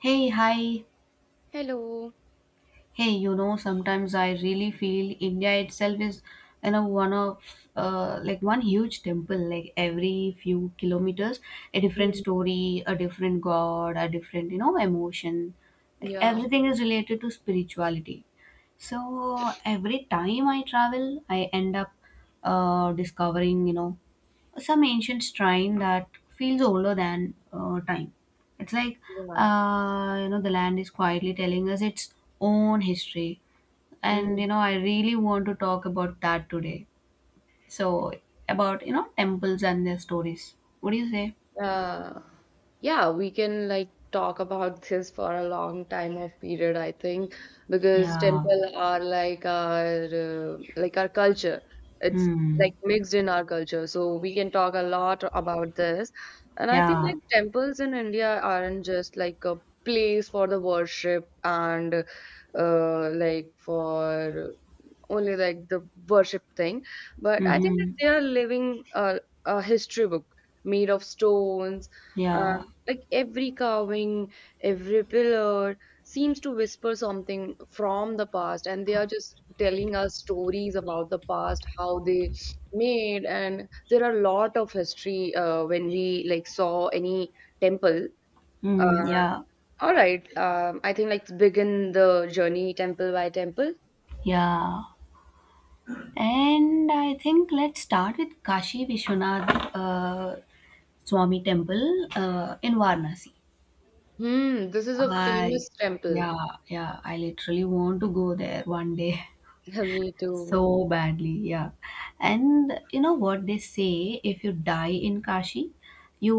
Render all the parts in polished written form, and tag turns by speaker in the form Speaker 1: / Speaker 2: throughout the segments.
Speaker 1: Hey, hi.
Speaker 2: Hello.
Speaker 1: Hey, you know, sometimes I really feel India itself is, you know, one of like one huge temple. Like every few kilometers, a different
Speaker 2: Mm,
Speaker 1: story, a different god, a different, you know, emotion. Like
Speaker 2: yeah,
Speaker 1: everything is related to spirituality. So every time I travel, I end up discovering, you know, some ancient shrine that feels older than time. It's like,
Speaker 2: yeah.
Speaker 1: you know, the land is quietly telling us its own history. And,
Speaker 2: Mm,
Speaker 1: you know, I really want to talk about that today. So, about, you know, temples and their stories. What do you say?
Speaker 2: uh, yeah, we can like talk about this for a long time of period, I think, because
Speaker 1: Yeah.
Speaker 2: temple are like our culture. It's
Speaker 1: Hmm.
Speaker 2: like mixed in our culture, so we can talk a lot about this. And I think
Speaker 1: Yeah.
Speaker 2: like temples in India aren't just like a place for the worship and like for only like the worship thing. But I think
Speaker 1: Mm-hmm.
Speaker 2: that they are living a history book made of stones. Uh,
Speaker 1: Yeah.
Speaker 2: like every carving, every pillar seems to whisper something from the past, and they are just telling us stories about the past, how they made, and there are a lot of history when we like saw any temple.
Speaker 1: Mm,
Speaker 2: Uh,
Speaker 1: yeah.
Speaker 2: all right, I think let's begin the journey temple by temple.
Speaker 1: Yeah. And I think let's start with Kashi Vishwanath Swami Temple in Varanasi.
Speaker 2: Hmm, this is a
Speaker 1: I,
Speaker 2: famous temple.
Speaker 1: yeah, yeah, I literally want to go there one day
Speaker 2: Me too.
Speaker 1: so badly. Yeah. And you know what they say, if you die in Kashi,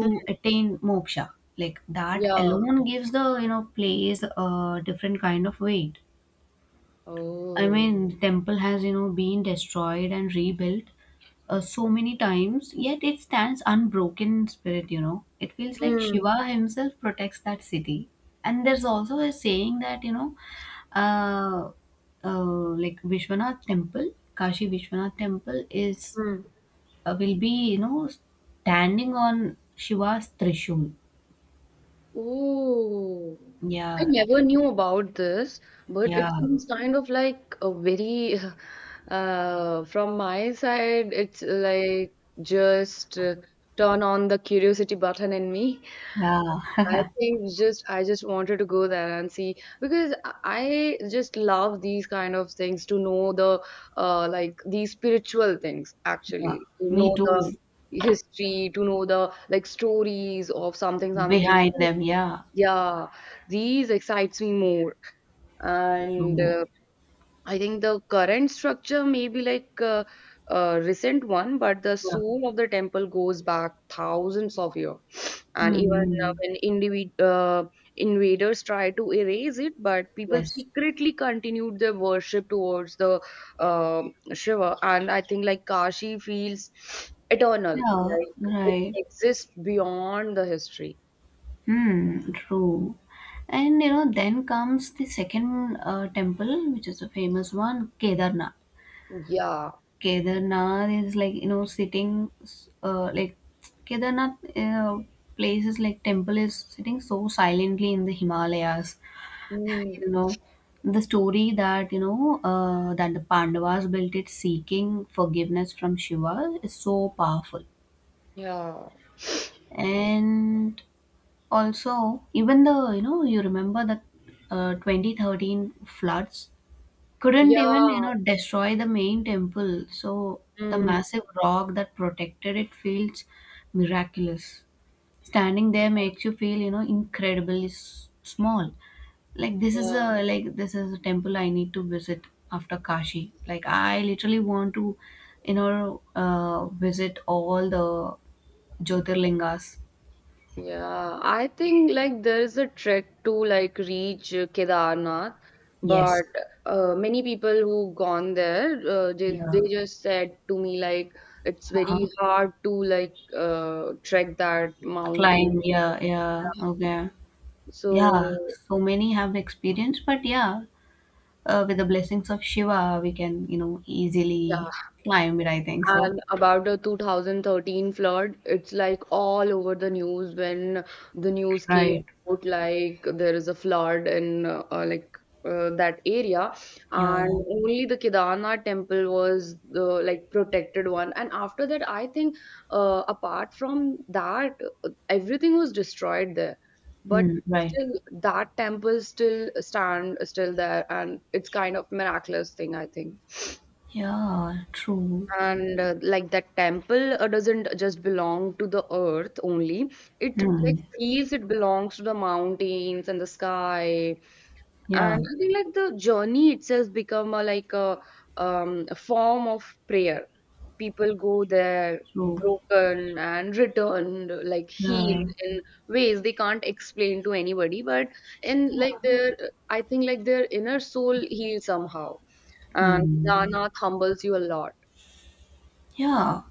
Speaker 2: Mm.
Speaker 1: attain moksha. Like that
Speaker 2: Yeah.
Speaker 1: alone gives the, you know, place a different kind of weight. I
Speaker 2: Oh.
Speaker 1: mean, temple has, you know, been destroyed and rebuilt so many times, yet it stands unbroken in spirit, you know. It feels like
Speaker 2: Hmm.
Speaker 1: Shiva himself protects that city. And there's also a saying that, you know, uh, like Vishwanath temple, Kashi Vishwanath temple is,
Speaker 2: Hmm.
Speaker 1: will be, you know, standing on Shiva's Trishul.
Speaker 2: Oh. I
Speaker 1: Yeah,
Speaker 2: never knew about this, but it
Speaker 1: yeah,
Speaker 2: seems kind of like a very, from my side, it's like just turn on the curiosity button in me.
Speaker 1: yeah,
Speaker 2: I think just I just wanted to go there and see because I just love these kind of things to know the like these spiritual things,
Speaker 1: yeah.
Speaker 2: actually to
Speaker 1: Me
Speaker 2: know the
Speaker 1: too.
Speaker 2: history, to know the like stories of something something,
Speaker 1: Behind them, yeah.
Speaker 2: yeah, these excites me more. And
Speaker 1: True.
Speaker 2: I think the current structure may be like a recent one, but the
Speaker 1: Yeah.
Speaker 2: soul of the temple goes back thousands of years. And even
Speaker 1: Mm,
Speaker 2: when invaders try to erase it, but people
Speaker 1: yes.
Speaker 2: secretly continued their worship towards the uh, Shiva. And I think like Kashi feels eternal,
Speaker 1: Yeah,
Speaker 2: like it
Speaker 1: right.
Speaker 2: exists beyond the history.
Speaker 1: Hmm, true. And you know, then comes the second temple, which is a famous one, Kedarnath.
Speaker 2: Yeah.
Speaker 1: Kedarnath is like, you know, like, Kedarnath places like temple is sitting so silently in the Himalayas.
Speaker 2: Mm.
Speaker 1: You know, the story that, you know, that the Pandavas built it seeking forgiveness from Shiva is so powerful.
Speaker 2: Yeah.
Speaker 1: And Also, even the, you know, you remember the 2013 floods couldn't even, you
Speaker 2: Yeah.
Speaker 1: know, destroy the main temple. So the
Speaker 2: Mm.
Speaker 1: massive rock that protected it feels miraculous. Standing there makes you feel, you know, incredibly small.
Speaker 2: Yeah.
Speaker 1: Like this is a temple I need to visit after Kashi. Like I literally want to, you know, visit all the Jyotirlingas.
Speaker 2: Yeah, I think like there is a trek to like reach Kedarnath,
Speaker 1: Yes.
Speaker 2: but many people who gone there, they
Speaker 1: Yeah.
Speaker 2: they just said to me like it's
Speaker 1: Uh-huh.
Speaker 2: very hard to like trek that mountain.
Speaker 1: Climbed, yeah, yeah, okay. Yeah,
Speaker 2: So
Speaker 1: so many have
Speaker 2: yeah.
Speaker 1: experience, but yeah, with the blessings of Shiva, we can, you know, easily climb it, I think so.
Speaker 2: And about the 2013 flood, it's like all over the news when the news came
Speaker 1: Right,
Speaker 2: out, like there is a flood in like that area,
Speaker 1: yeah,
Speaker 2: and only the Kedarnath temple was the like protected one. And after that, I think apart from that, everything was destroyed there, but
Speaker 1: hmm, right.
Speaker 2: still that temple still stand still there, and it's kind of miraculous thing, I think.
Speaker 1: Yeah, true.
Speaker 2: And like that temple doesn't just belong to the earth only. It
Speaker 1: Hmm.
Speaker 2: like feels it belongs to the mountains and the sky.
Speaker 1: Yeah,
Speaker 2: And I think like the journey itself become a like a form of prayer. People go there
Speaker 1: true.
Speaker 2: broken and returned, like
Speaker 1: Yeah.
Speaker 2: healed in ways they can't explain to anybody. But in like their, I think like their inner soul heals somehow. And
Speaker 1: Hmm.
Speaker 2: Kedarnath humbles you a lot.
Speaker 1: Yeah.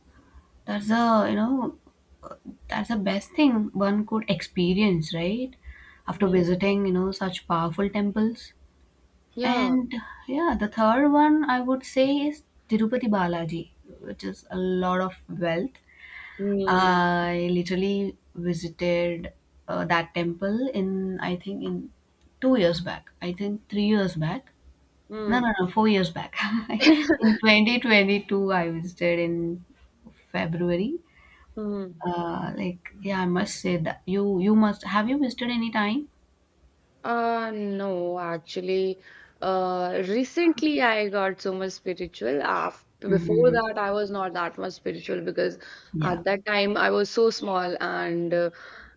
Speaker 1: That's a, you know, that's the best thing one could experience, right? After
Speaker 2: Mm.
Speaker 1: visiting, you know, such powerful temples.
Speaker 2: Yeah.
Speaker 1: And yeah, the third one I would say is Tirupati Balaji, which is a lot of wealth.
Speaker 2: Mm,
Speaker 1: I literally visited that temple in, I think, in 2 years back. I think 3 years back. No,
Speaker 2: mm,
Speaker 1: no, no, 4 years back. in 2022, I visited in February.
Speaker 2: mm.
Speaker 1: Like, yeah, I must say that you must have you visited any time?
Speaker 2: No, actually, recently I got so much spiritual. After, before
Speaker 1: Hmm.
Speaker 2: that, I was not that much spiritual because
Speaker 1: Yeah.
Speaker 2: at that time I was so small and uh,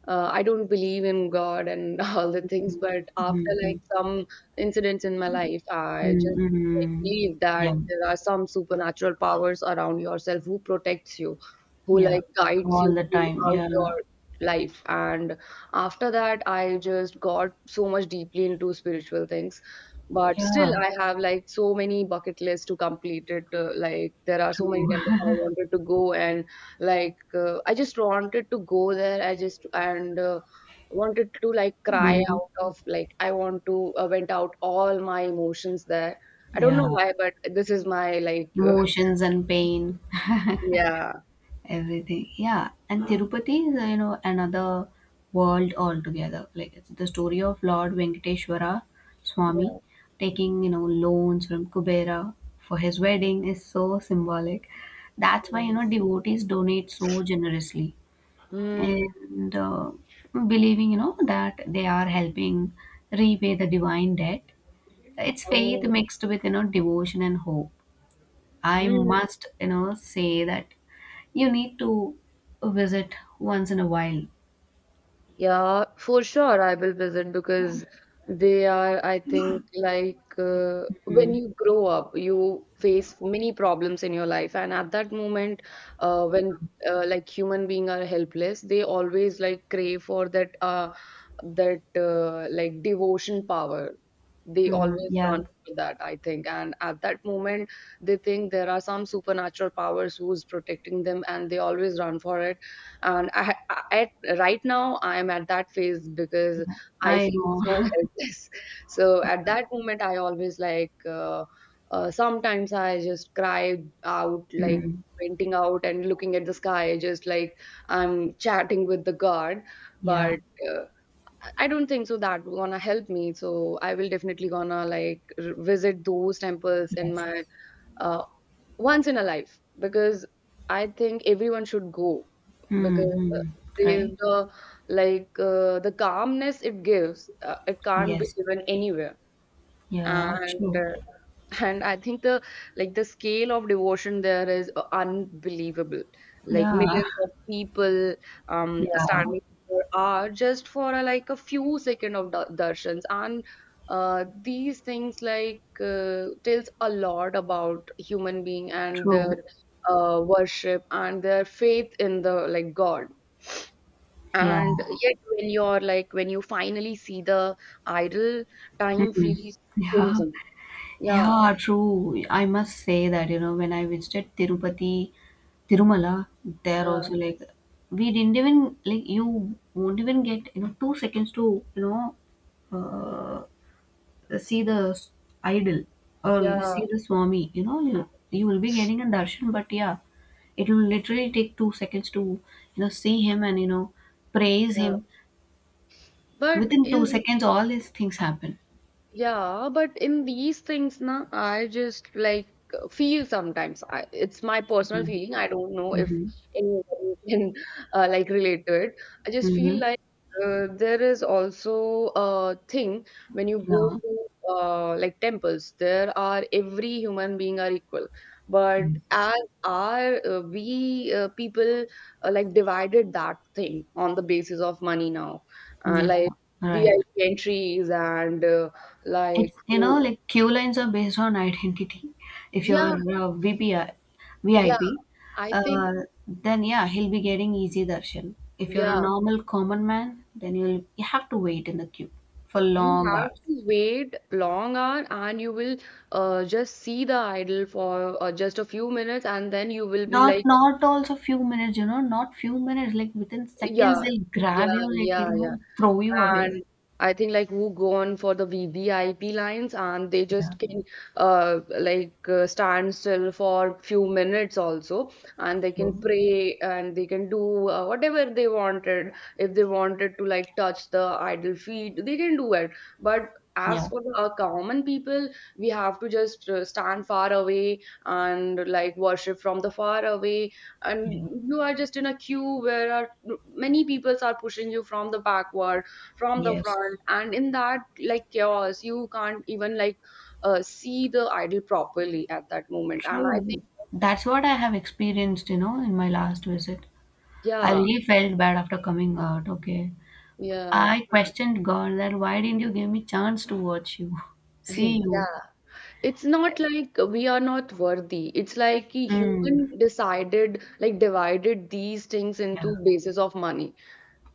Speaker 2: uh, I don't believe in God and all the things. But
Speaker 1: Hmm,
Speaker 2: after
Speaker 1: hmm,
Speaker 2: like some incidents in my life, I just like
Speaker 1: hmm.
Speaker 2: believe that
Speaker 1: Yeah.
Speaker 2: there are some supernatural powers around yourself who protects you, who
Speaker 1: Yeah,
Speaker 2: like guides
Speaker 1: all
Speaker 2: you
Speaker 1: the time.
Speaker 2: throughout
Speaker 1: Yeah,
Speaker 2: your life. And after that, I just got so much deeply into spiritual things. But still,
Speaker 1: yeah,
Speaker 2: I have like so many bucket lists to complete it. Like there are so many
Speaker 1: true.
Speaker 2: temples I wanted to go, and like I just wanted to go there. I just and wanted to like cry
Speaker 1: Mhm.
Speaker 2: out of like I want to vent out all my emotions there. I don't
Speaker 1: Yeah,
Speaker 2: know why, but this is my like
Speaker 1: emotions and pain,
Speaker 2: yeah
Speaker 1: everything. Yeah, and Tirupati is, you know, another world altogether. Like it's the story of Lord Venkateshwara Swami
Speaker 2: yeah.
Speaker 1: taking, you know, loans from Kubera for his wedding is so symbolic. That's why, you know, devotees donate so generously
Speaker 2: Mm.
Speaker 1: and believing, you know, that they are helping repay the divine debt. It's faith
Speaker 2: Oh.
Speaker 1: mixed with, you know, devotion and hope. I
Speaker 2: Hmm.
Speaker 1: must, you know, say that you need to visit once in a while.
Speaker 2: Yeah, for sure I will visit because they are, I think, like when
Speaker 1: Mm.
Speaker 2: you grow up, you face many problems in your life, and at that moment, when like human being are helpless, they always like crave for that like devotion power. They
Speaker 1: Mm,
Speaker 2: always run
Speaker 1: yeah.
Speaker 2: for that, I think, and at that moment, they think there are some supernatural powers who's protecting them, and they always run for it. And I at right now I am at that phase because
Speaker 1: Yeah,
Speaker 2: I
Speaker 1: I
Speaker 2: feel
Speaker 1: know.
Speaker 2: so helpless. So at that moment I always like sometimes I just cry out like
Speaker 1: Mm,
Speaker 2: painting out and looking at the sky just like I'm chatting with the God.
Speaker 1: yeah.
Speaker 2: But uh, I don't think so that gonna help me. So I will definitely gonna like visit those temples in
Speaker 1: Yes.
Speaker 2: my uh, once in a life, because I think everyone should go because
Speaker 1: Mm-hmm. Right.
Speaker 2: the like the calmness it gives, it can't be
Speaker 1: Yes.
Speaker 2: given anywhere.
Speaker 1: Yeah,
Speaker 2: And
Speaker 1: true.
Speaker 2: I think the like the scale of devotion there is unbelievable, like
Speaker 1: Yeah.
Speaker 2: millions of people
Speaker 1: Yeah,
Speaker 2: standing for hour just for like a few second of darshans. And these things like tells a lot about human being and their
Speaker 1: true.
Speaker 2: worship and their faith in the like god.
Speaker 1: Yeah.
Speaker 2: And yet when you're like when you finally see the idol, time
Speaker 1: Mm.
Speaker 2: feels
Speaker 1: Yeah.
Speaker 2: frozen. Yeah
Speaker 1: Yeah, true. I must say that, you know, when I visited Tirupati Tirumala, there
Speaker 2: yeah
Speaker 1: also like we didn't even like you won't even get, you know, 2 seconds to, you know, uh, see the s- idol or
Speaker 2: yeah.
Speaker 1: see the Swami. You know, you will be getting a darshan, but yeah, it will literally take 2 seconds to, you know, see him and, you know, praise
Speaker 2: Yeah.
Speaker 1: him.
Speaker 2: But
Speaker 1: Within two
Speaker 2: in
Speaker 1: seconds, all these things happen.
Speaker 2: Yeah, but in these things, na, I just like feel sometimes. I, it's my
Speaker 1: Yeah.
Speaker 2: personal feeling. I don't know if
Speaker 1: Mm-hmm.
Speaker 2: anybody can like relate to it. I just
Speaker 1: Mm-hmm.
Speaker 2: feel like there is also a thing when you go
Speaker 1: Yeah.
Speaker 2: to like temples. There are every human being are equal, but
Speaker 1: Yes.
Speaker 2: as are we people like divided that thing on the basis of money now,
Speaker 1: Yeah.
Speaker 2: like
Speaker 1: Right.
Speaker 2: VIP entries and. Like
Speaker 1: It's, you know,
Speaker 2: who
Speaker 1: like queue lines are based on identity. If
Speaker 2: yeah
Speaker 1: you're
Speaker 2: yeah
Speaker 1: VIP,
Speaker 2: I think
Speaker 1: uh, then yeah, he'll be getting easy darshan. If you're a
Speaker 2: yeah
Speaker 1: normal common man, then you have to wait in the queue for
Speaker 2: you
Speaker 1: long
Speaker 2: have to
Speaker 1: hours.
Speaker 2: wait long hour and you will just see the idol for just a few minutes and then you will be
Speaker 1: Not
Speaker 2: like
Speaker 1: not also few minutes, you know, not few minutes. Like within seconds,
Speaker 2: yeah
Speaker 1: they'll grab you,
Speaker 2: yeah
Speaker 1: like, you
Speaker 2: yeah yeah.
Speaker 1: know, throw you away.
Speaker 2: And I think like who go on for the VVIP lines and they
Speaker 1: Yeah,
Speaker 2: just can stand still for few minutes also, and they can
Speaker 1: true.
Speaker 2: pray and they can do whatever they wanted. If they wanted to like touch the idol feet, they can do it. But as
Speaker 1: Yeah,
Speaker 2: for the common people, we have to just stand far away and like worship from the far away,
Speaker 1: yeah,
Speaker 2: and you are just in a queue where are many peoples are pushing you from the backward from the
Speaker 1: yes,
Speaker 2: front, and in that like chaos you can't even like see the idol properly at that moment, and I think
Speaker 1: true. That's what I have experienced, you know, in my last visit. I
Speaker 2: yeah
Speaker 1: really felt bad after coming out. Okay.
Speaker 2: yeah
Speaker 1: I questioned God that why didn't you give me chance to watch you, see you?
Speaker 2: yeah it's not like we are not worthy. It's like a
Speaker 1: Mm,
Speaker 2: human decided, like divided these things
Speaker 1: yeah,
Speaker 2: into basis of money.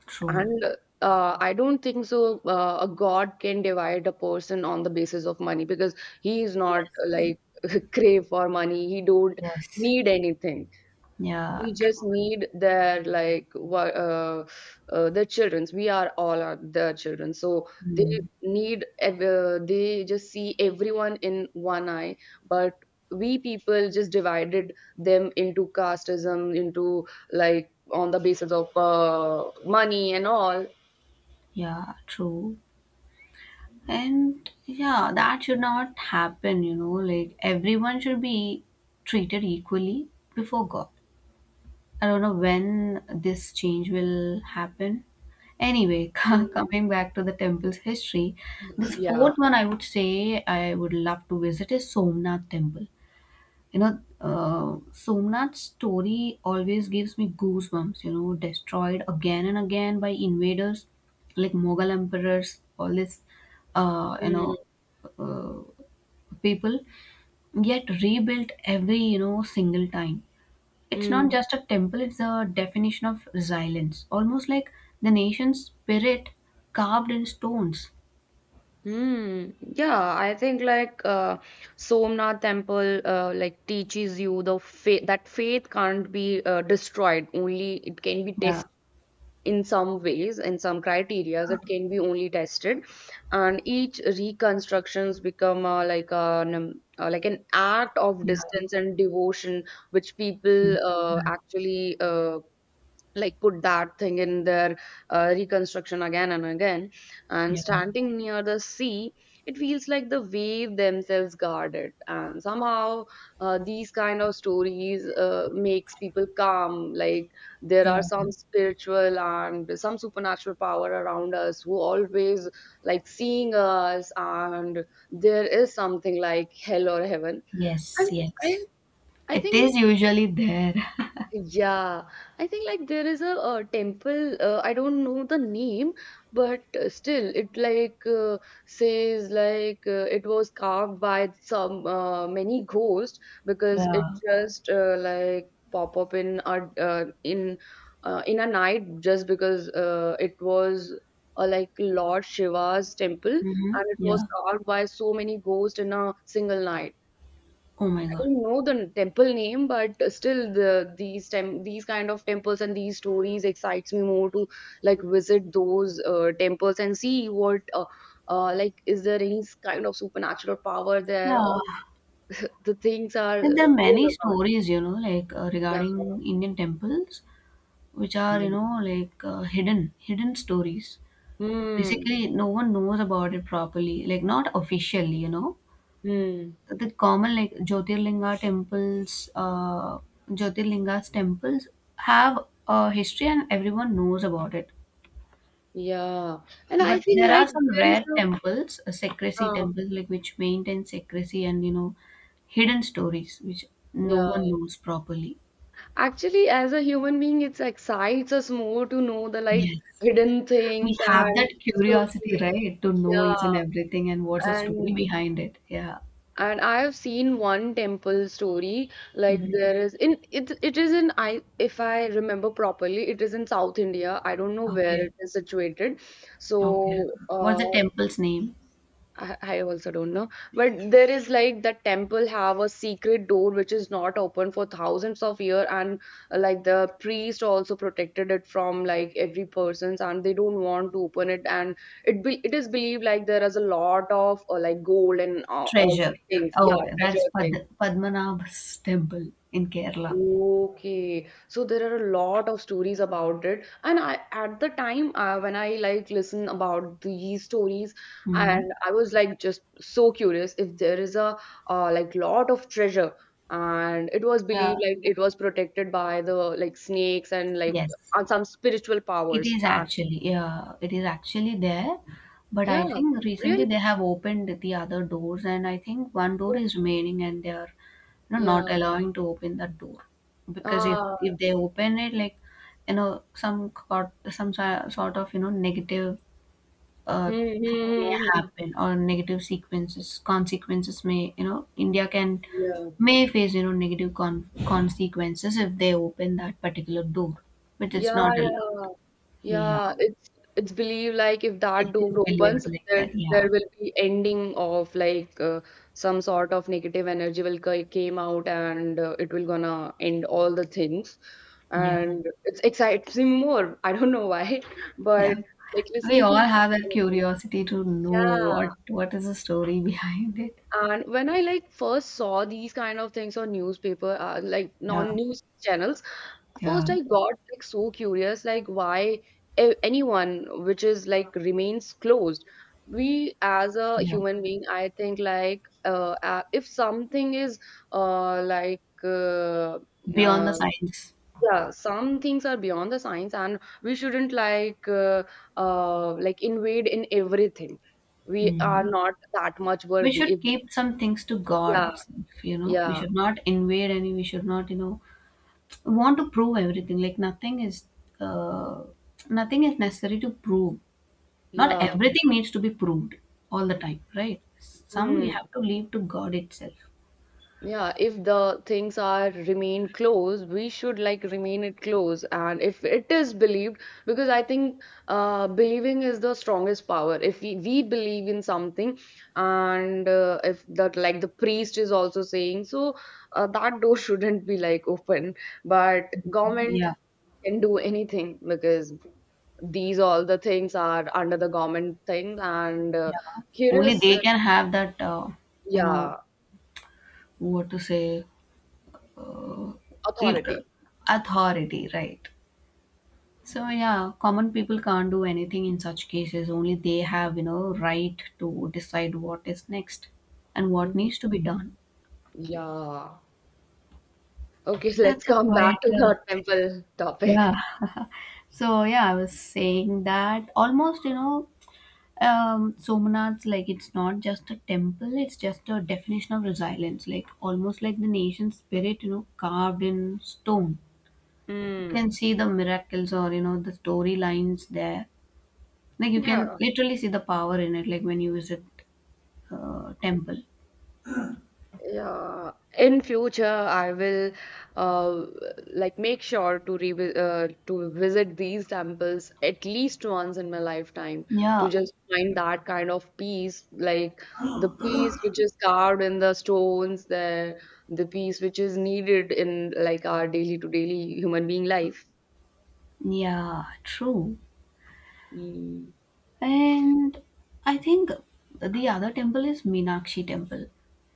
Speaker 1: true.
Speaker 2: And I don't think so a god can divide a person on the basis of money because he is not
Speaker 1: Yes,
Speaker 2: like crave for money. He don't
Speaker 1: yes.
Speaker 2: need anything.
Speaker 1: Yeah,
Speaker 2: We just
Speaker 1: true.
Speaker 2: need their like what their childrens. We are all are their children, so they
Speaker 1: Mm,
Speaker 2: need they just see everyone in one eye. But we people just divided them into casteism, into like on the basis of money and all.
Speaker 1: yeah, true. And yeah, that should not happen, you know, like everyone should be treated equally before God. I don't know when this change will happen. Anyway,
Speaker 2: Mm.
Speaker 1: coming back to the temple's history, the
Speaker 2: Yeah.
Speaker 1: fourth one I would say I would love to visit is Somnath Temple. You know, Somnath's story always gives me goosebumps, you know, destroyed again and again by invaders like Mughal emperors, all this, uh, you know, uh, people, yet rebuilt every, you know, single time. It's not
Speaker 2: Mm.
Speaker 1: just a temple, it's a definition of resilience, almost like the nation's spirit carved in stones.
Speaker 2: Hmm. Yeah, I think like Somnath Temple like teaches you the faith that faith can't be destroyed. Only it can be
Speaker 1: Yeah,
Speaker 2: tested in some ways, in some criterias it can be only tested, and each reconstructions become like an act of
Speaker 1: yeah,
Speaker 2: distance and devotion, which
Speaker 1: mm,
Speaker 2: people
Speaker 1: mm,
Speaker 2: actually like put that thing in their reconstruction again and again. And
Speaker 1: yeah,
Speaker 2: standing near the sea, it feels like the wave themselves guard it. And somehow these kind of stories makes people calm, like there
Speaker 1: yeah.
Speaker 2: are some spiritual and some supernatural power around us who always like seeing us, and there is something like hell or heaven. And
Speaker 1: Yes,
Speaker 2: I
Speaker 1: yes.
Speaker 2: I
Speaker 1: It
Speaker 2: think
Speaker 1: is usually there.
Speaker 2: yeah, I think like there is a temple. I don't know the name, but still, it like says like it was carved by some many ghosts, because it
Speaker 1: Yeah.
Speaker 2: just like pop up in our in a night, just because it was like Lord Shiva's temple,
Speaker 1: Mm-hmm.
Speaker 2: and it was
Speaker 1: Yeah.
Speaker 2: carved by so many ghosts in a single night.
Speaker 1: Oh my God.
Speaker 2: Don't know the temple name, but still the these kind of temples and these stories excites me more to like visit those temples and see what like is there any kind of supernatural power there, or
Speaker 1: Yeah.
Speaker 2: the things are
Speaker 1: And there are
Speaker 2: real
Speaker 1: many
Speaker 2: or not?
Speaker 1: stories, you know, like
Speaker 2: Yeah.
Speaker 1: regarding Indian temples, which are, you
Speaker 2: Mm.
Speaker 1: know, like hidden stories.
Speaker 2: hmm
Speaker 1: Basically, no one knows about it properly, like not officially, you know.
Speaker 2: hmm
Speaker 1: The common like Jyotirlinga temples, Jyotirlinga's temples have a history and everyone knows about it.
Speaker 2: yeah and I
Speaker 1: But
Speaker 2: think
Speaker 1: there are
Speaker 2: like
Speaker 1: some
Speaker 2: there is
Speaker 1: rare
Speaker 2: a
Speaker 1: temples, secrecy
Speaker 2: uh,
Speaker 1: temples, like which maintain secrecy, and, you know, hidden stories which no one
Speaker 2: yeah,
Speaker 1: knows properly.
Speaker 2: actually as a human being it excites us more to know the like
Speaker 1: Yes,
Speaker 2: hidden
Speaker 1: we
Speaker 2: things
Speaker 1: have
Speaker 2: and
Speaker 1: that curiosity,
Speaker 2: stories.
Speaker 1: right, to know
Speaker 2: Yeah,
Speaker 1: each and everything and what's the story
Speaker 2: and
Speaker 1: behind it. Yeah.
Speaker 2: and I have seen one temple story. Like
Speaker 1: Hmm.
Speaker 2: there is in it, is in, I if I remember properly, it is in South India. I don't know where
Speaker 1: Okay.
Speaker 2: it is situated.
Speaker 1: Okay.
Speaker 2: so
Speaker 1: What's
Speaker 2: uh,
Speaker 1: the temple's name?
Speaker 2: I also don't know. But there is like the temple have a secret door which is not open for thousands of years, and like the priest also protected it from like every person's, and they don't want to open it. And it is believed like there is a lot of like gold and all
Speaker 1: Treasure.
Speaker 2: the things, yeah,
Speaker 1: Oh, okay. That's
Speaker 2: treasure things.
Speaker 1: Padmanabh's temple in Kerala.
Speaker 2: Okay, so there are a lot of stories about it, and I, at the time when I like listen about these stories,
Speaker 1: Hmm.
Speaker 2: and I was like just so curious if there is a like lot of treasure, and it was
Speaker 1: Uh,
Speaker 2: believed like it was protected by the like snakes and like
Speaker 1: yes,
Speaker 2: on some spiritual
Speaker 1: it
Speaker 2: powers.
Speaker 1: is actually. Yeah, it is actually there. But
Speaker 2: Yeah,
Speaker 1: I think
Speaker 2: really?
Speaker 1: recently they have opened the other doors, and I think one door
Speaker 2: Yeah.
Speaker 1: is remaining, and they are, you know, not
Speaker 2: Yeah.
Speaker 1: allowing to open that door because if
Speaker 2: Ah.
Speaker 1: if they open it, like, you know, some got some si- sort of, you know, negative uh,
Speaker 2: Hmm,
Speaker 1: thing may
Speaker 2: hmm, hmm, hmm.
Speaker 1: happen or negative sequences consequences may, you know, India can
Speaker 2: Hmm. Yeah.
Speaker 1: may face, you know, negative consequences if they open that particular door, which is
Speaker 2: Yeah,
Speaker 1: not allowed.
Speaker 2: yeah,
Speaker 1: Yeah,
Speaker 2: yeah. It's believed like if
Speaker 1: it
Speaker 2: that door
Speaker 1: is believed
Speaker 2: opens,
Speaker 1: like
Speaker 2: there
Speaker 1: that. Yeah,
Speaker 2: there will be ending of like some sort of negative energy will came out and it will gonna end all the things.
Speaker 1: yeah,
Speaker 2: And it's excites me more. I don't know why,
Speaker 1: yeah.
Speaker 2: but like
Speaker 1: We
Speaker 2: listening
Speaker 1: all
Speaker 2: to those
Speaker 1: have that
Speaker 2: kind of things.
Speaker 1: curiosity to know
Speaker 2: Yeah.
Speaker 1: what is the story behind it.
Speaker 2: And when I like first saw these kind of things on newspaper, like
Speaker 1: Yeah,
Speaker 2: non-news channels, first,
Speaker 1: yeah,
Speaker 2: I got like so curious, like why anyone which is like remains closed. We as a
Speaker 1: yeah.
Speaker 2: human being, I think like if something is uh, like uh,
Speaker 1: Beyond the
Speaker 2: uh,
Speaker 1: science.
Speaker 2: yeah, some things are beyond the science, and we shouldn't like invade in everything. We are
Speaker 1: Hmm.
Speaker 2: not that much
Speaker 1: We
Speaker 2: worthy.
Speaker 1: should
Speaker 2: If,
Speaker 1: keep some things to God
Speaker 2: yeah,
Speaker 1: itself, you know. We
Speaker 2: yeah,
Speaker 1: should not invade any, we should not, you know, want to prove everything. Like nothing is uh nothing is necessary to prove. Not
Speaker 2: yeah.
Speaker 1: everything needs to be proved all the time, right? Some we
Speaker 2: Hmm.
Speaker 1: have to leave to God itself.
Speaker 2: Yeah, if the things are remain close, we should like remain it close. And if it is believed, because I think believing is the strongest power. If we believe in something, and if that like the priest is also saying, so that door shouldn't be like open. But government
Speaker 1: Yeah,
Speaker 2: can do anything because these all the things are under the government thing and
Speaker 1: yeah. Only
Speaker 2: curious,
Speaker 1: they can have that, you know,
Speaker 2: yeah,
Speaker 1: what to say, uh, i-
Speaker 2: authority.
Speaker 1: authority, right? So yeah, common people can't do anything in such cases. Only they have, you know, right to decide what is next and what needs to
Speaker 2: Mhm.
Speaker 1: be done.
Speaker 2: Yeah. Okay, so let's
Speaker 1: That's a
Speaker 2: come
Speaker 1: quite
Speaker 2: back to the temple topic.
Speaker 1: yeah. so yeah, I was saying that almost, you know, Somanath's like it's not just a temple; it's just a definition of resilience. Like almost like the nation spirit, you know, carved in stone. You
Speaker 2: Mm.
Speaker 1: can see the miracles or, you know, the storylines there. Like you can
Speaker 2: Yeah.
Speaker 1: literally see the power in it, like when you visit temple.
Speaker 2: Yeah. In future, I will uh, like make sure to revi to visit these temples at least once in my lifetime, to
Speaker 1: Yeah,
Speaker 2: just find that kind of peace, like the peace which is carved in the stones there, the peace which is needed in like our daily to daily human being life.
Speaker 1: yeah, true.
Speaker 2: Mm.
Speaker 1: And I think the other temple is Meenakshi temple.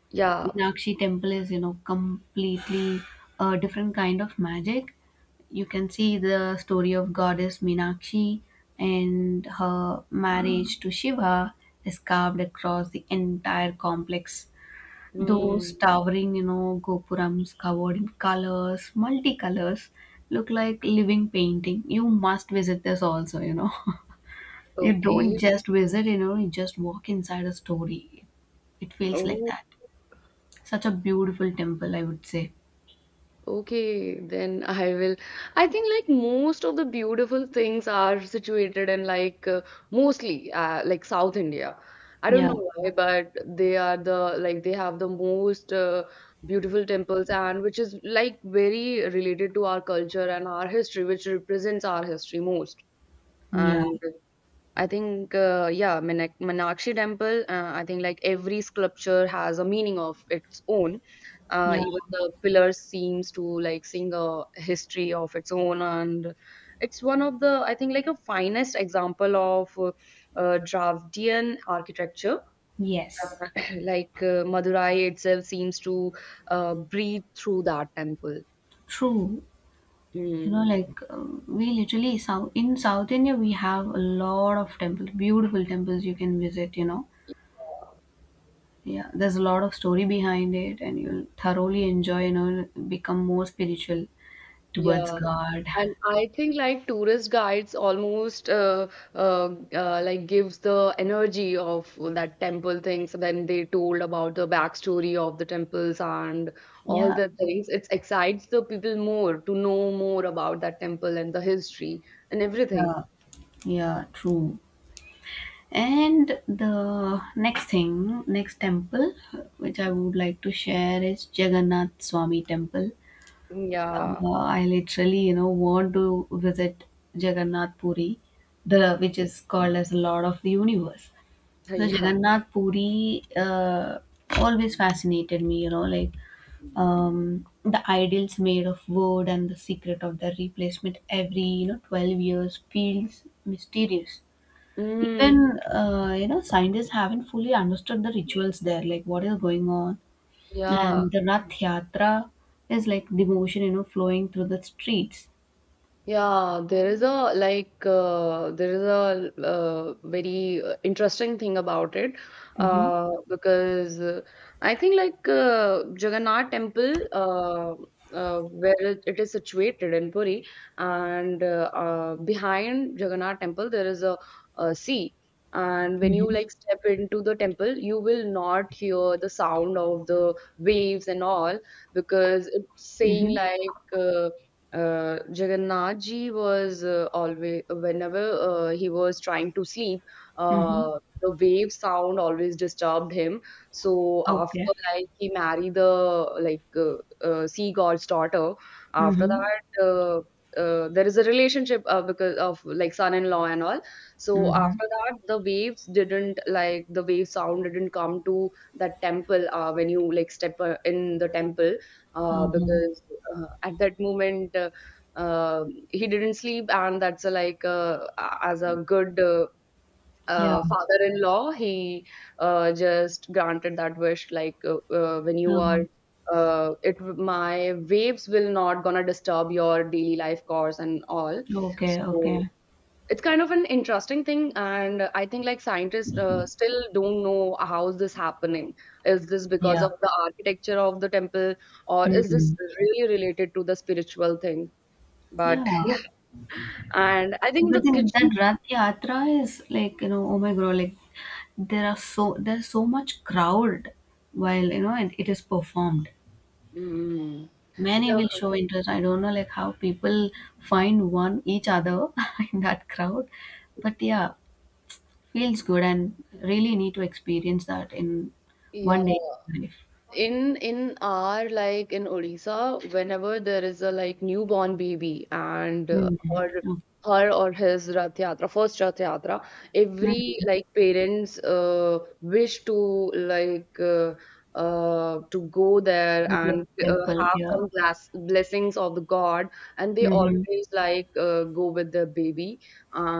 Speaker 2: Yeah.
Speaker 1: Meenakshi temple is, you know, completely a different kind of magic. You can see the story of goddess Meenakshi and her marriage to Shiva is carved across the entire complex. Those
Speaker 2: Mm.
Speaker 1: towering, you know, gopurams covered in colors, multicolors, look like living painting. You must visit this also, you know. you don't
Speaker 2: Okay.
Speaker 1: just visit, you know, you just walk inside a story. It feels like
Speaker 2: Oh.
Speaker 1: that. Such a beautiful temple, I would say.
Speaker 2: Okay, then I will. I think like most of the beautiful things are situated in like mostly like South India. I don't
Speaker 1: Yeah,
Speaker 2: know why, but they are the like they have the most beautiful temples and which is like very related to our culture and our history, which represents our history most.
Speaker 1: yeah,
Speaker 2: And I think, yeah, Meenakshi Temple, I think like every sculpture has a meaning of its own.
Speaker 1: yeah.
Speaker 2: Even the pillars seems to like sing a history of its own, and it's one of the, I think, like a finest example of Dravidian architecture.
Speaker 1: Yes.
Speaker 2: Like Madurai itself seems to breathe through that temple.
Speaker 1: True. You know,
Speaker 2: Mm,
Speaker 1: like we literally South India, we have a lot of temples, beautiful temples you can visit. You know, yeah, there's a lot of story behind it, and you'll thoroughly enjoy, you know, become more spiritual towards
Speaker 2: yeah.
Speaker 1: God.
Speaker 2: And I think like tourist guides almost like gives the energy of that temple thing. So then they told about the backstory of the temples and all
Speaker 1: Yeah,
Speaker 2: the things. It excites the people more to know more about that temple and the history and everything.
Speaker 1: yeah, yeah, true. And the next thing, next temple, which I would like to share is Jagannath Swami Temple.
Speaker 2: Yeah,
Speaker 1: I literally, you know, want to visit Jagannath Puri, the which is called as the Lord of the Universe. So
Speaker 2: yeah.
Speaker 1: Jagannath Puri always fascinated me, you know, like the idols made of wood and the secret of their replacement every, you know, 12 years feels mysterious.
Speaker 2: Mm,
Speaker 1: Even you know, scientists haven't fully understood the rituals there, like what is going on,
Speaker 2: yeah.
Speaker 1: and the rath yatra is like devotion, you know, flowing through the streets.
Speaker 2: Yeah, there is a like there is a very interesting thing about it
Speaker 1: Mm-hmm.
Speaker 2: because I think like Jagannath Temple, where it is situated in Puri, and behind Jagannath Temple there is a sea. And when you
Speaker 1: Mm-hmm.
Speaker 2: like step into the temple you will not hear the sound of the waves and all, because it's saying
Speaker 1: Mm-hmm.
Speaker 2: like Jagannath ji was always, whenever he was trying to sleep,
Speaker 1: Mm-hmm.
Speaker 2: uh, the wave sound always disturbed him. So after
Speaker 1: Okay.
Speaker 2: like he married the like sea god's daughter, after
Speaker 1: Mm-hmm.
Speaker 2: that there is a relationship because of like son-in-law and all. So
Speaker 1: Mm-hmm.
Speaker 2: after that, the waves didn't like the wave sound didn't come to that temple when you like step in the temple
Speaker 1: Um,
Speaker 2: because at that moment he didn't sleep, and that's a, like as a good
Speaker 1: yeah.
Speaker 2: father-in-law, he just granted that wish. Like when you
Speaker 1: Uh,
Speaker 2: are, it my waves will not gonna disturb your daily life course and all.
Speaker 1: okay,
Speaker 2: So
Speaker 1: okay.
Speaker 2: it's kind of an interesting thing, and I think like scientists still don't know how's this happening. Is this because
Speaker 1: Yeah.
Speaker 2: of the architecture of the temple or is
Speaker 1: Mm-hmm.
Speaker 2: this really related to the spiritual thing? But
Speaker 1: Yeah.
Speaker 2: and I think
Speaker 1: But
Speaker 2: the
Speaker 1: then
Speaker 2: kitchen
Speaker 1: that Rath Yatra is like, you know, oh my god, like there are so there's so much crowd while, you know, it is performed.
Speaker 2: mm,
Speaker 1: Many
Speaker 2: yeah,
Speaker 1: will show interest. I don't know like how people find one each other in that crowd. But yeah, feels good and really need to experience that in
Speaker 2: yeah,
Speaker 1: one day in life.
Speaker 2: in our like in Odisha, whenever there is a like newborn baby and her,
Speaker 1: Mhm.
Speaker 2: her or his Rath Yatra, first Rath Yatra, every
Speaker 1: Mhm.
Speaker 2: like parents wish to like to go there and
Speaker 1: Temple,
Speaker 2: have
Speaker 1: yeah.
Speaker 2: some blessings of the God, and they
Speaker 1: Hmm.
Speaker 2: always like go with the baby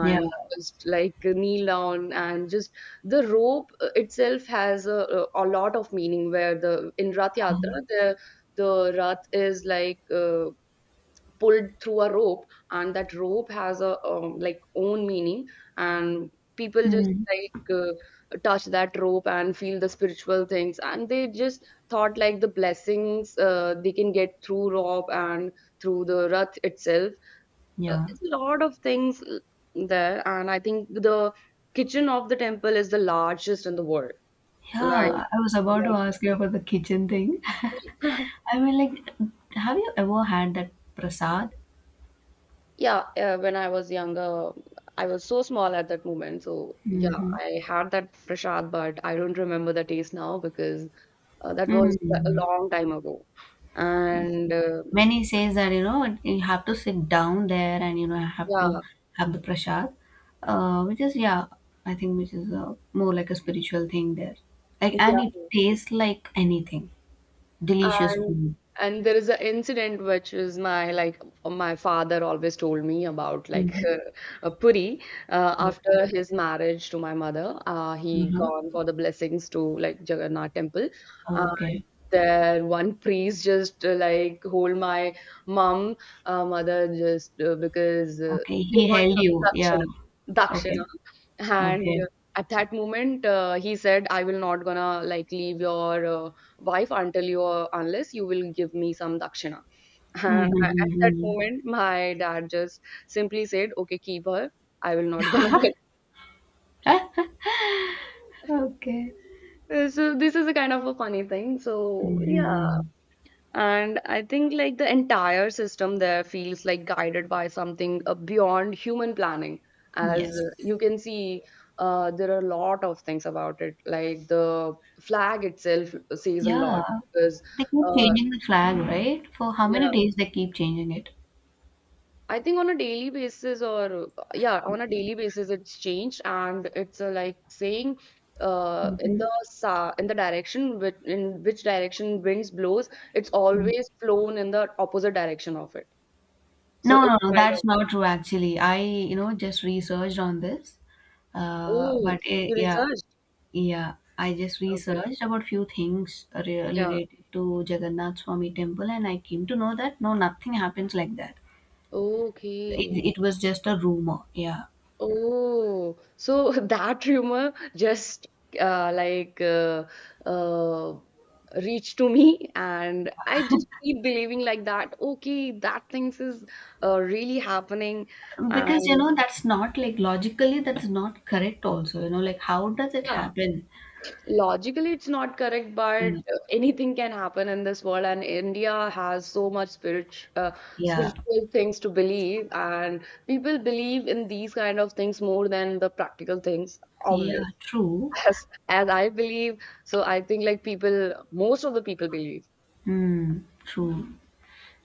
Speaker 1: Yeah.
Speaker 2: just like kneel down and just the rope itself has a lot of meaning. Where the in rath
Speaker 1: Uh-huh.
Speaker 2: yatra the rath is like pulled through a rope, and that rope has a like own meaning, and people just
Speaker 1: Mhm.
Speaker 2: like touch that rope and feel the spiritual things, and they just thought like the blessings they can get through rope and through the rath itself.
Speaker 1: Yeah.
Speaker 2: It's a lot of things there, and I think the kitchen of the temple is the largest in the world. Like
Speaker 1: Yeah, I was about to
Speaker 2: yeah.
Speaker 1: ask you about the kitchen thing. I mean, like, have you ever had that prasad?
Speaker 2: Yeah, when I was younger, I was so small at that moment. So, yeah,
Speaker 1: Mm-hmm.
Speaker 2: I had that prasad, but I don't remember the taste now because that was a
Speaker 1: Mm.
Speaker 2: long time ago. And
Speaker 1: Many says that, you know, you have to sit down there and, you know, have to
Speaker 2: yeah,
Speaker 1: have the prasad, which is, yeah, I think which is more like a spiritual thing there. Like, and it
Speaker 2: yeah,
Speaker 1: tastes like anything. Delicious
Speaker 2: And
Speaker 1: food.
Speaker 2: and there is an incident which is my like my father always told me about like
Speaker 1: Mm-hmm.
Speaker 2: Puri,
Speaker 1: Okay.
Speaker 2: after his marriage to my mother, he
Speaker 1: Uh-huh.
Speaker 2: gone for the blessings to like Jagannath temple. And
Speaker 1: Okay.
Speaker 2: there one priest just like hold my mom, mother, just because
Speaker 1: Okay.
Speaker 2: they
Speaker 1: He
Speaker 2: want
Speaker 1: held
Speaker 2: some
Speaker 1: you. Yeah. Okay.
Speaker 2: dakshina. And
Speaker 1: Okay.
Speaker 2: At that moment he said, I will not gonna like leave your wife until you unless you will give me some dakshina. And at that
Speaker 1: Mhm.
Speaker 2: moment my dad just simply said, okay, keep her, I will not gonna get.
Speaker 1: Okay.
Speaker 2: So this is a kind of a funny thing. So yeah,
Speaker 1: Mhm.
Speaker 2: and I think like the entire system there feels like guided by something beyond human planning. As
Speaker 1: Yes.
Speaker 2: you can see there are a lot of things about it, like the flag itself says a lot
Speaker 1: Yeah.
Speaker 2: because
Speaker 1: They keep
Speaker 2: uh,
Speaker 1: changing the flag, right? For how many
Speaker 2: yeah,
Speaker 1: days they keep changing it?
Speaker 2: I think on a daily basis, or yeah, on a
Speaker 1: Okay.
Speaker 2: daily basis, it's changed, and it's like saying, in
Speaker 1: Mhm.
Speaker 2: the sa in the direction which in which direction winds blows, it's
Speaker 1: Mm.
Speaker 2: always flown in the opposite direction of it. So
Speaker 1: No,
Speaker 2: it's
Speaker 1: no, no,
Speaker 2: kind of
Speaker 1: that's not true actually. I, you know, just researched on this.
Speaker 2: oh,
Speaker 1: But
Speaker 2: you
Speaker 1: it, yeah,
Speaker 2: researched?
Speaker 1: yeah, I just
Speaker 2: Okay,
Speaker 1: researched about few things
Speaker 2: yeah,
Speaker 1: related to Jagannath Swami temple and I came to know that no, nothing happens like that. It,
Speaker 2: okay.
Speaker 1: it was just a rumor. Yeah.
Speaker 2: Oh, so that rumor just uh, like uh, uh, reached to me, and I just keep believing like that. Okay, that things is really happening,
Speaker 1: Because, you
Speaker 2: and
Speaker 1: know, that's not like logically, that's not correct also, you know, like how does it
Speaker 2: yeah,
Speaker 1: happen?
Speaker 2: logically it's not correct, but
Speaker 1: Mm,
Speaker 2: anything can happen in this world, and India has so much spirit,
Speaker 1: yeah,
Speaker 2: spiritual things to believe, and people believe in these kind of things more than the practical things, obviously.
Speaker 1: yeah, true.
Speaker 2: As I believe. So I think like people, most of the people believe.
Speaker 1: Mm, true.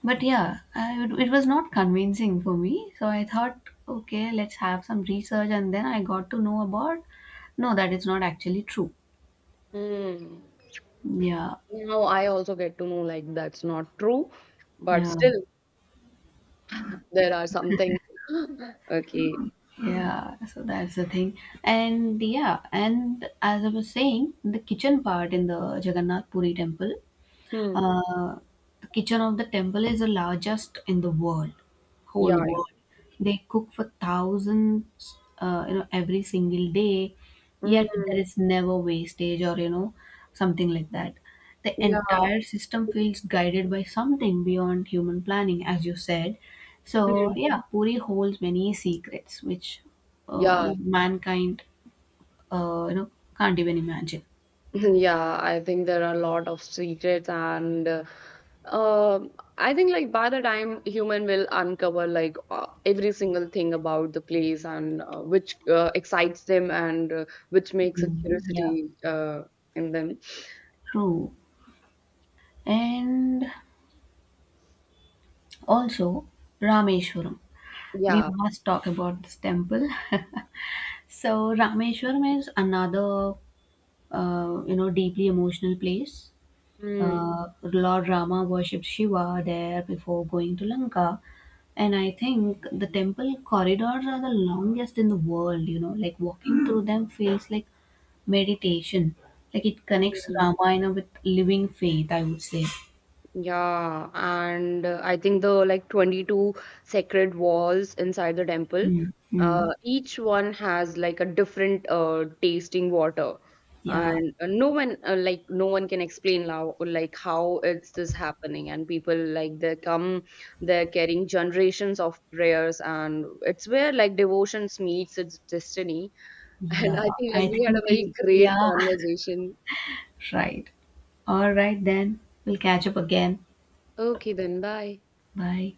Speaker 1: But yeah, I, it was not convincing for me. So I thought, okay, let's have some research. And then I got to know about, no, that is not actually true.
Speaker 2: Hmm.
Speaker 1: Yeah,
Speaker 2: Now I also get to know like that's not true, but
Speaker 1: yeah,
Speaker 2: still there are some things. Okay.
Speaker 1: yeah. So that's the thing. And yeah, and as I was saying, the kitchen part in the Jagannath Puri temple.
Speaker 2: Hmm.
Speaker 1: Uh, the kitchen of the temple is the largest in the world,
Speaker 2: Yeah.
Speaker 1: whole
Speaker 2: Yeah.
Speaker 1: world. They cook for thousands, you know, every single day. Yet there
Speaker 2: Mm.
Speaker 1: is never wastage or, you know, something like that. The
Speaker 2: Yeah.
Speaker 1: entire system feels guided by something beyond human planning, as you said. So
Speaker 2: Mm.
Speaker 1: yeah, Puri holds many secrets which, you
Speaker 2: Yeah.
Speaker 1: know, mankind, you know, can't even imagine.
Speaker 2: Yeah, I think there are a lot of secrets and um, I think like by the time human will uncover like every single thing about the place and which excites them and which makes a
Speaker 1: Mm, yeah,
Speaker 2: curiosity in them.
Speaker 1: true. And Also, Rameshwaram. We
Speaker 2: Yeah.
Speaker 1: must talk about this temple. so, Rameshwaram is another, you know, deeply emotional place.
Speaker 2: Mm,
Speaker 1: Lord Rama worshipped Shiva there before going to Lanka. And I think the temple corridors are the longest in the world, you know, like walking through them feels like meditation. Like it connects
Speaker 2: mm.
Speaker 1: Ramayana with living faith, I would say.
Speaker 2: Yeah, and I think the like 22 sacred walls inside the temple,
Speaker 1: Mm-hmm.
Speaker 2: each one has like a different tasting water,
Speaker 1: Yeah.
Speaker 2: and no one like no one can explain how like how it's this happening, and people like they come, they're carrying generations of prayers, and it's where like devotions meets its destiny. And
Speaker 1: Yeah,
Speaker 2: I think like
Speaker 1: I
Speaker 2: we had a
Speaker 1: think
Speaker 2: very
Speaker 1: we,
Speaker 2: great
Speaker 1: yeah,
Speaker 2: conversation.
Speaker 1: right. All right, then. We'll catch up again.
Speaker 2: Okay, then bye.
Speaker 1: Bye.